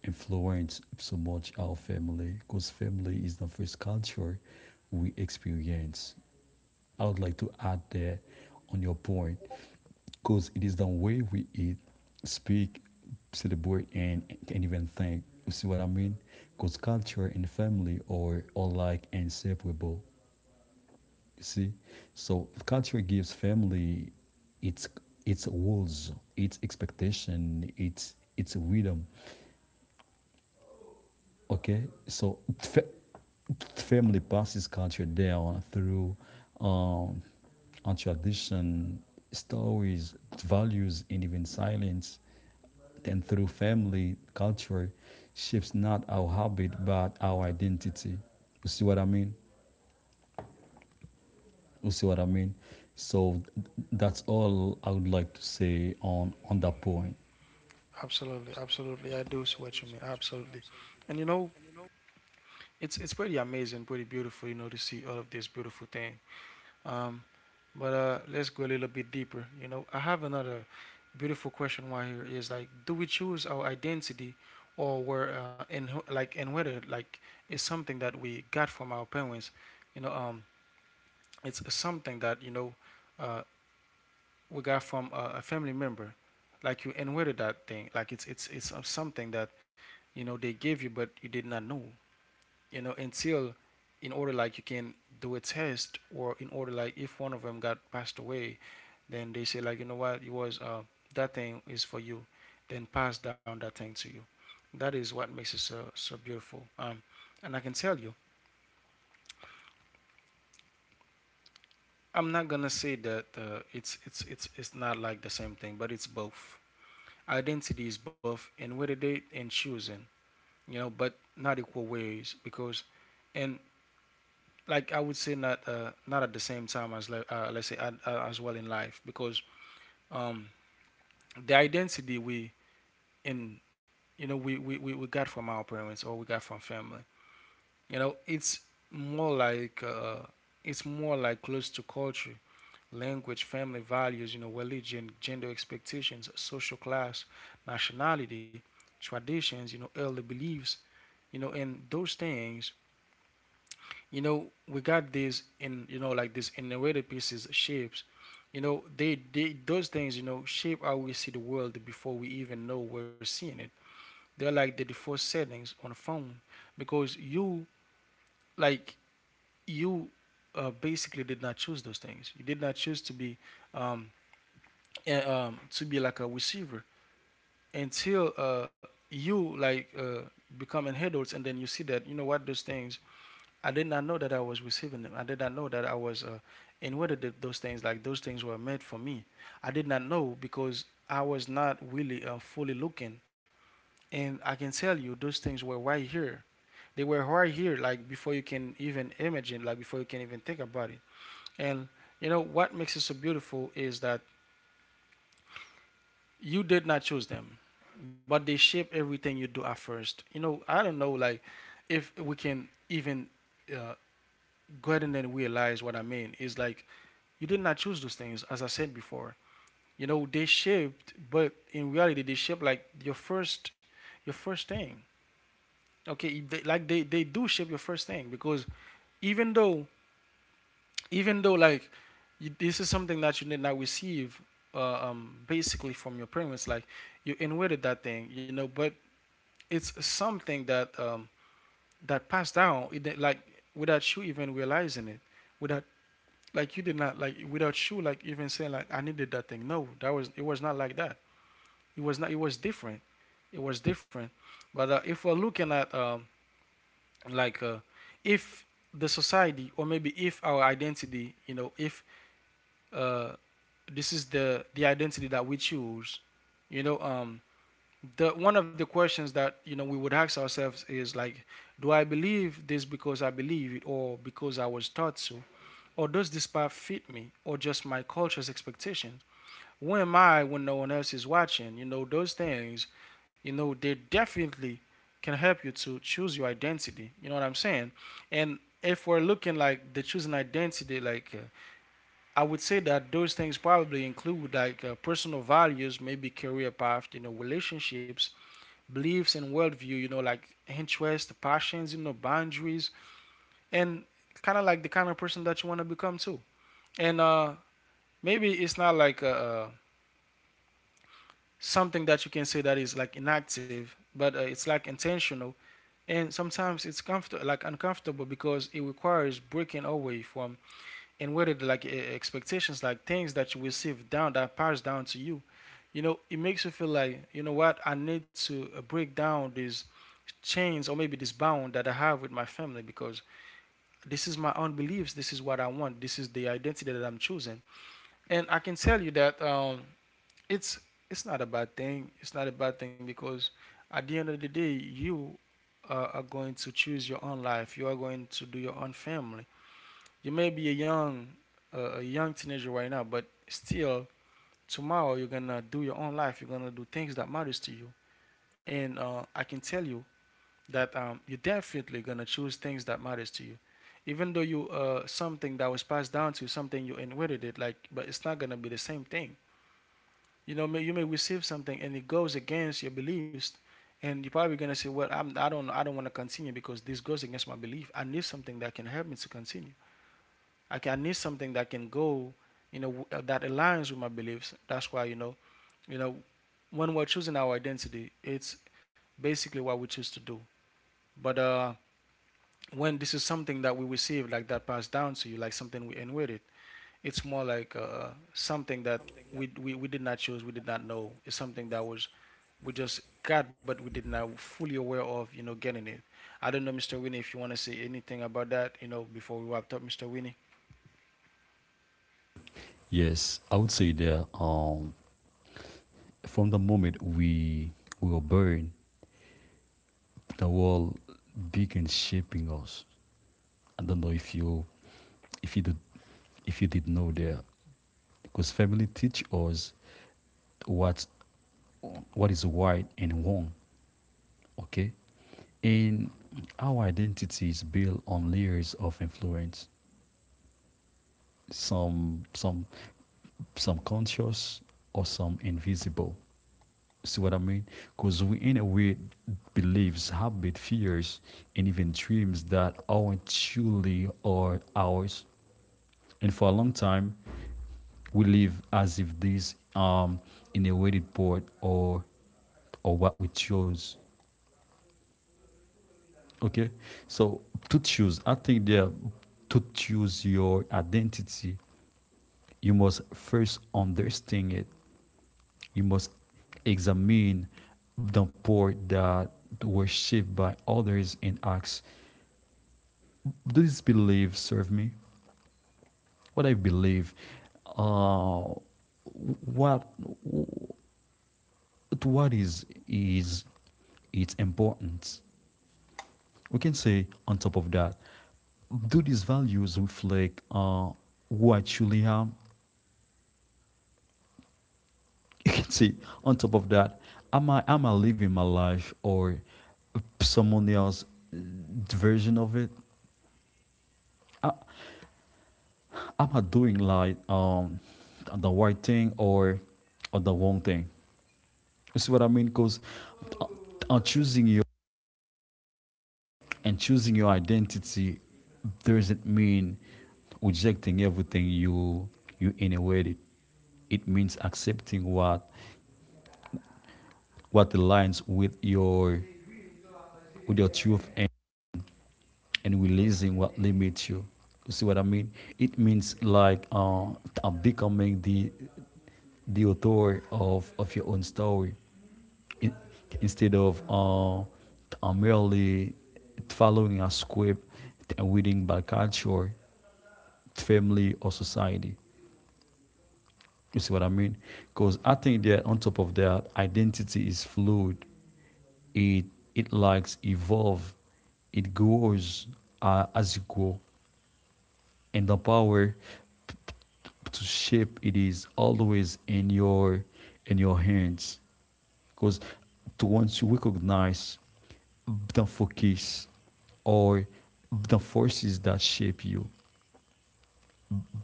S2: influence so much our family, because family is the first culture we experience. I would like to add that on your point, because it is the way we eat, speak, celebrate, and, and even think. You see what I mean? Because culture and family are, are like inseparable. You see, so culture gives family its its rules, its expectation, its its rhythm. Okay, so fa- family passes culture down through um, on tradition, stories, values, and even silence. Then through family, culture shapes not our habit but our identity. You see what I mean? You see what I mean? So that's all I would like to say on on that point.
S1: Absolutely, absolutely, I do see what you mean, absolutely. And you know, It's it's pretty amazing, pretty beautiful, you know, to see all of this beautiful thing. Um, but uh, let's go a little bit deeper. You know, I have another beautiful question. Why here is, like, do we choose our identity, or were, uh, and who-, like, and whether like is something that we got from our parents? You know, um, it's something that you know, uh, we got from a, a family member, like you inherited that thing. Like it's it's it's uh, something that you know they gave you, but you did not know, you know, until, in order like you can do a test, or in order like if one of them got passed away, then they say like, you know what, it was uh, that thing is for you, then pass down that thing to you. That is what makes it so so beautiful. um and I can tell you, I'm not gonna say that uh, it's it's it's it's not like the same thing, but it's both. Identity is both and with a date and choosing, you know, but not equal ways. Because and, like, I would say not uh, not at the same time as like uh, let's say uh, uh, as well in life. Because um, the identity we in, you know, we, we, we we got from our parents, or we got from family. You know, it's more like uh, it's more like close to culture, language, family values, you know, religion, gender expectations, social class, nationality, traditions, you know, early beliefs. You know, and those things, you know, we got these in, you know, like these innovative pieces, shapes, you know, they, they those things, you know, shape how we see the world before we even know we're seeing it. They're like the default settings on a phone, because you, like, you uh, basically did not choose those things. You did not choose to be um, a- um to be like a receiver until uh you like uh becoming adults. And then you see that, you know what, those things, I did not know that I was receiving them. I did not know that I was, uh, and whether those things, like those things were meant for me. I did not know, because I was not really uh, fully looking. And I can tell you, those things were right here. They were right here, like before you can even imagine, like before you can even think about it. And you know what makes it so beautiful is that you did not choose them, but they shape everything you do at first. You know, I don't know, like if we can even uh, go ahead and then realize what I mean. Is like You did not choose those things, as I said before. You know, they shaped, but in reality, they shape like your first, your first thing. Okay, they, like they, they do shape your first thing because even though, even though like, you, this is something that you did not receive, uh, um, basically from your parents. Like, you inherited that thing, you know, but it's something that um, that passed down, it, like without you even realizing it, without like you did not like without you like even saying like I needed that thing. No, that was it was not like that. It was not. It was different. It was different. But uh, if we're looking at um, like uh, if the society or maybe if our identity, you know, if uh, this is the the identity that we choose, you know, um, the one of the questions that you know we would ask ourselves is like, do I believe this because I believe it or because I was taught to? Or does this path fit me or just my culture's expectations? Who am I when no one else is watching? You know, those things, you know, they definitely can help you to choose your identity. You know what I'm saying? And if we're looking like the choosing identity, like uh, I would say that those things probably include like uh, personal values, maybe career path, you know, relationships, beliefs and worldview, you know, like interests, passions, you know, boundaries, and kind of like the kind of person that you want to become too. And uh, maybe it's not like a, uh, something that you can say that is like inactive, but uh, it's like intentional. And sometimes it's comfort like uncomfortable because it requires breaking away from and whether like e- expectations, like things that you receive down that pass down to you. You know, it makes you feel like you know what I need to uh, break down these chains or maybe this bound that I have with my family because this is my own beliefs. This is what I want. This is the identity that I'm choosing. And I can tell you that um, it's it's not a bad thing. It's not a bad thing because at the end of the day, you uh, are going to choose your own life. You are going to do your own family. You may be a young uh, a young teenager right now, but still tomorrow you're gonna do your own life. You're gonna do things that matters to you. And uh, I can tell you that um, you're definitely gonna choose things that matters to you, even though you uh, something that was passed down to you, something you inherited. Like, but it's not gonna be the same thing. You know, you may receive something and it goes against your beliefs, and you're probably gonna say, "Well, I'm, I don't, I don't want to continue because this goes against my belief. I need something that can help me to continue. I, can, I need something that can go, you know, uh, that aligns with my beliefs. That's why, you know, you know, when we're choosing our identity, it's basically what we choose to do. But uh, when this is something that we receive, like that passed down to you, like something we inherited, it's more like uh, something that we, we we did not choose, we did not know. It's something that was we just got, but we did not fully aware of, you know, getting it. I don't know, mister Winnie, if you want to say anything about that, you know, before we wrapped up, mister Winnie.
S2: Yes, I would say that um, from the moment we we were born, the world began shaping us. I don't know if you if you did if you did know that, because family teach us what what is right and wrong. Okay, and our identity is built on layers of influence. Some some some conscious or some invisible. See what I mean? Because we, in a way, believes, habit, fears, and even dreams that aren't truly are ours. And for a long time, we live as if these um in a weighted board or or what we chose. Okay, so to choose, I think there to choose your identity, you must first understand it. You must examine the poor that were shaped by others and ask, do these beliefs serve me? What I believe, uh, what what is is its importance? We can say on top of that, do these values reflect uh, who I truly am? You can see on top of that, am i am I living my life or someone else's version of it? Uh, am I doing like um the right thing or or the wrong thing? You see what I mean? Because on choosing your and choosing your identity doesn't mean rejecting everything you you inherited. It means accepting what what aligns with your with your truth and releasing what limits you. You see what I mean? It means like uh, uh, becoming the the author of, of your own story, in, instead of uh, uh, merely following a script and reading by culture, family, or society. You see what I mean? Because I think that on top of that, identity is fluid. It it likes evolve. It grows uh, as you grow, and the power to shape it is always in your in your hands, because to once you recognize the focus or the forces that shape you,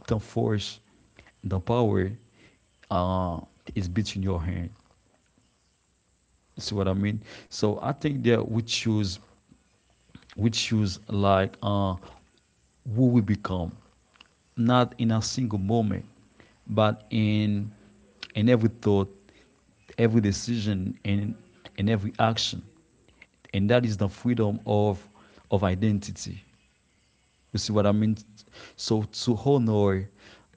S2: the force the power uh, is between your hand. See what I mean? So I think that we choose we choose like uh, who we become, not in a single moment, but in in every thought, every decision, and in every action. And that is the freedom of of identity. You see what I mean? So to honor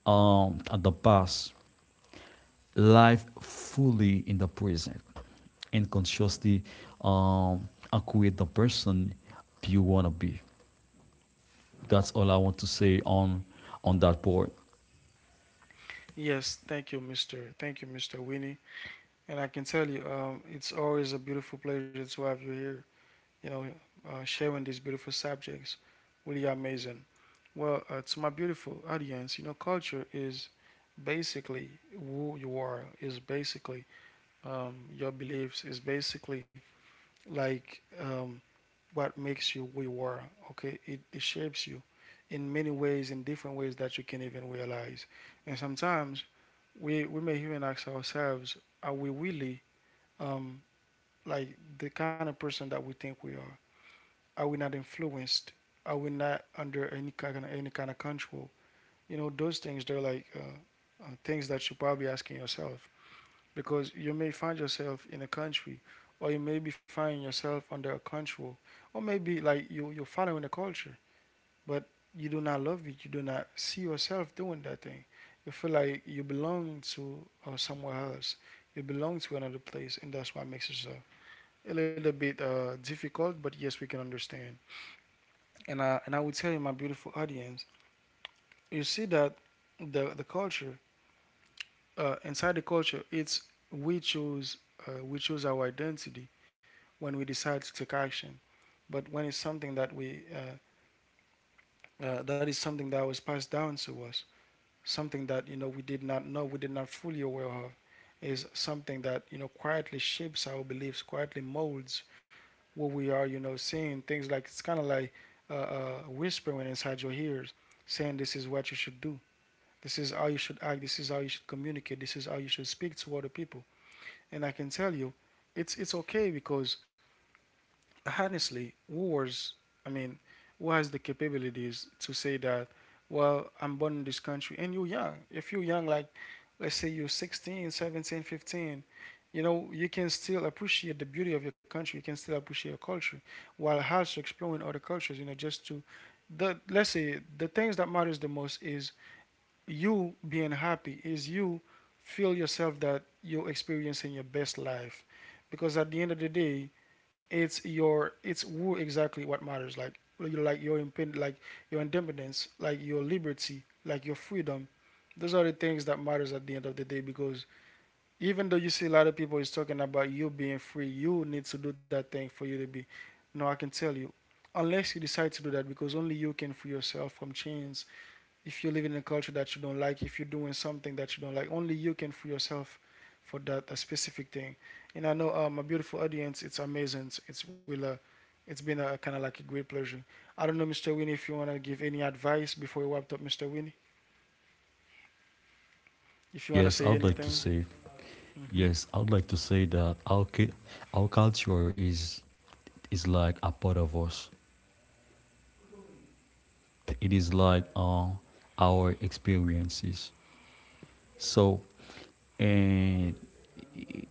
S2: um, the past, life fully in the present, and consciously um, create the person you want to be. That's all I want to say on on that board.
S1: Yes, thank you, mister Thank you, mister Winnie. And I can tell you, um, it's always a beautiful pleasure to have you here. You know, uh, sharing these beautiful subjects. Really amazing. Well, uh, to my beautiful audience, you know, culture is basically who you are, is basically um, your beliefs, is basically like um, what makes you who you are. Okay, it, it shapes you in many ways, in different ways that you can even realize. And sometimes we, we may even ask ourselves, are we really um, like the kind of person that we think we are? Are we not influenced? Are we not under any kind of, any kind of control? You know, those things they're like uh, uh, things that you're probably asking yourself because you may find yourself in a country, or you may be finding yourself under a control, or maybe like you you're following the culture, but you do not love it. You do not see yourself doing that thing. You feel like you belong to uh, somewhere else. You belong to another place, and that's what makes it uh, a little bit uh, difficult. But yes, we can understand and I and I would tell you, my beautiful audience, you see that the the culture uh, inside the culture, it's we choose uh, we choose our identity when we decide to take action. But when it's something that we uh, uh, that is something that was passed down to us, something that you know we did not know, we did not fully aware of, is something that you know quietly shapes our beliefs, quietly molds what we are, you know, seeing things like it's kind of like uh, uh, whispering inside your ears, saying this is what you should do. This is how you should act. This is how you should communicate. This is how you should speak to other people. And I can tell you, it's it's okay because honestly, who was, I mean, who has the capabilities to say that? Well, I'm born in this country, and you're young. If you're young, like let's say you're sixteen, seventeen, fifteen, you know, you can still appreciate the beauty of your country. You can still appreciate your culture while also exploring other cultures. You know, just to the let's say the things that matters the most is you being happy is you feel yourself that you're experiencing your best life because at the end of the day it's your it's who exactly what matters like you like your impen- like your independence like your liberty like your freedom, those are the things that matters at the end of the day because even though you see a lot of people is talking about you being free you need to do that thing for you to be no I can tell you unless you decide to do that because only you can free yourself from chains. If you live in a culture that you don't like, if you're doing something that you don't like, only you can free yourself for that a specific thing. And I know um, a beautiful audience. It's amazing. It's, will. Uh, it's been a kind of like a great pleasure. I don't know, mister Winnie, if you wanna give any advice before we wrap up, mister Winnie. If you wanna
S2: Yes,
S1: say
S2: I'd like to
S1: anything.
S2: say.
S1: Hmm.
S2: Yes, I would like to say that our cu- our culture is is like a part of us. It is like uh, our experiences. So and it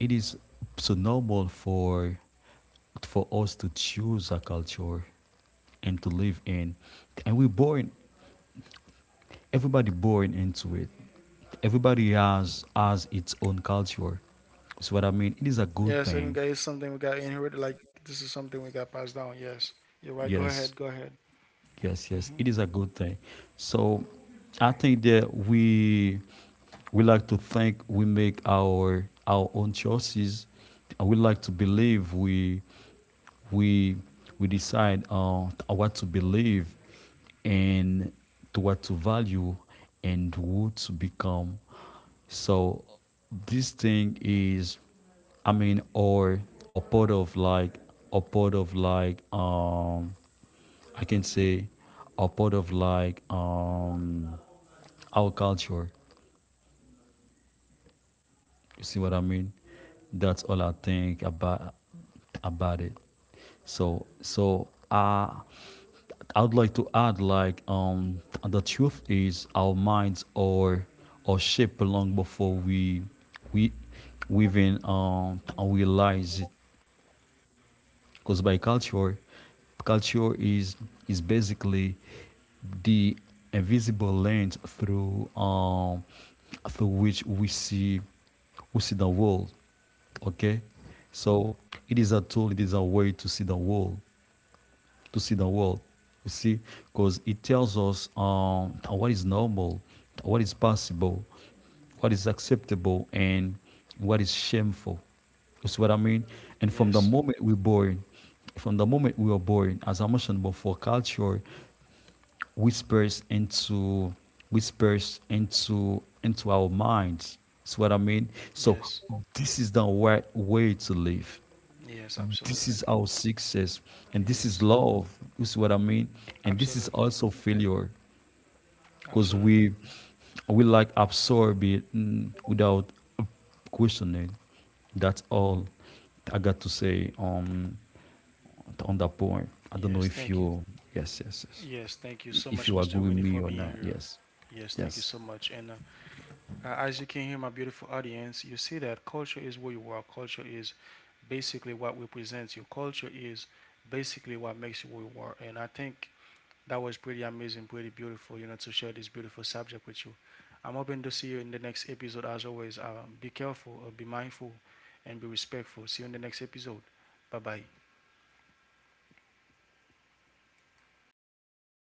S2: it is so normal for for us to choose a culture and to live in, and we're born. Everybody born into it. Everybody has has its own culture. So what I mean, it is a good
S1: Yes, and
S2: thing.
S1: guys, something we got inherited. Like this is something we got passed down. Yes, you're right. Go ahead.
S2: Yes.
S1: Go ahead.
S2: Yes, yes,
S1: Hmm.
S2: it is a good thing. So I think that we we like to think we make our our own choices. Uh, we like to believe we we we decide uh, what to believe and to what to value and who to become. So this thing is, I mean, or or part of like or part of like um I can say, are part of like um our culture. You see what I mean? That's all I think about about it. So so I I would like to add like um the truth is our minds are are shaped long before we we we even um realize it, because by culture. Culture is is basically the invisible lens through um, through which we see we see the world. Okay, so it is a tool. It is a way to see the world, to see the world. You see, because it tells us um, what is normal, what is possible, what is acceptable, and what is shameful. You see what I mean? And from the
S1: Yes.
S2: moment we're born, from the moment we are born, as I mentioned before, culture whispers into whispers into into our minds. See what I mean? So
S1: Yes.
S2: this is the right way to live.
S1: Yes.
S2: This
S1: Absolutely.
S2: is our success, and this is
S1: Yes.
S2: love. You see what I mean? And this is
S1: Absolutely.
S2: also failure, because
S1: Absolutely.
S2: we we like absorb it, mm, without questioning. That's all I got to say on on that point. I don't know
S1: Yes,
S2: if
S1: thank you.
S2: you, yes, yes, yes,
S1: Yes, thank you so
S2: if
S1: much,
S2: you
S1: mister
S2: agree with
S1: Winnie, for
S2: me or
S1: being
S2: not.
S1: here.
S2: Yes,
S1: Yes, thank you
S2: yes.
S1: so much. And uh, uh, as you can hear, my beautiful audience, you see that culture is where you are. Culture is basically what represents you. Culture is basically what makes you who you are. And I think that was pretty amazing, pretty beautiful, you know, to share this beautiful subject with you. I'm hoping to see you in the next episode. As always, uh, be careful, uh, be mindful, and be respectful. See you in the next episode. Bye bye.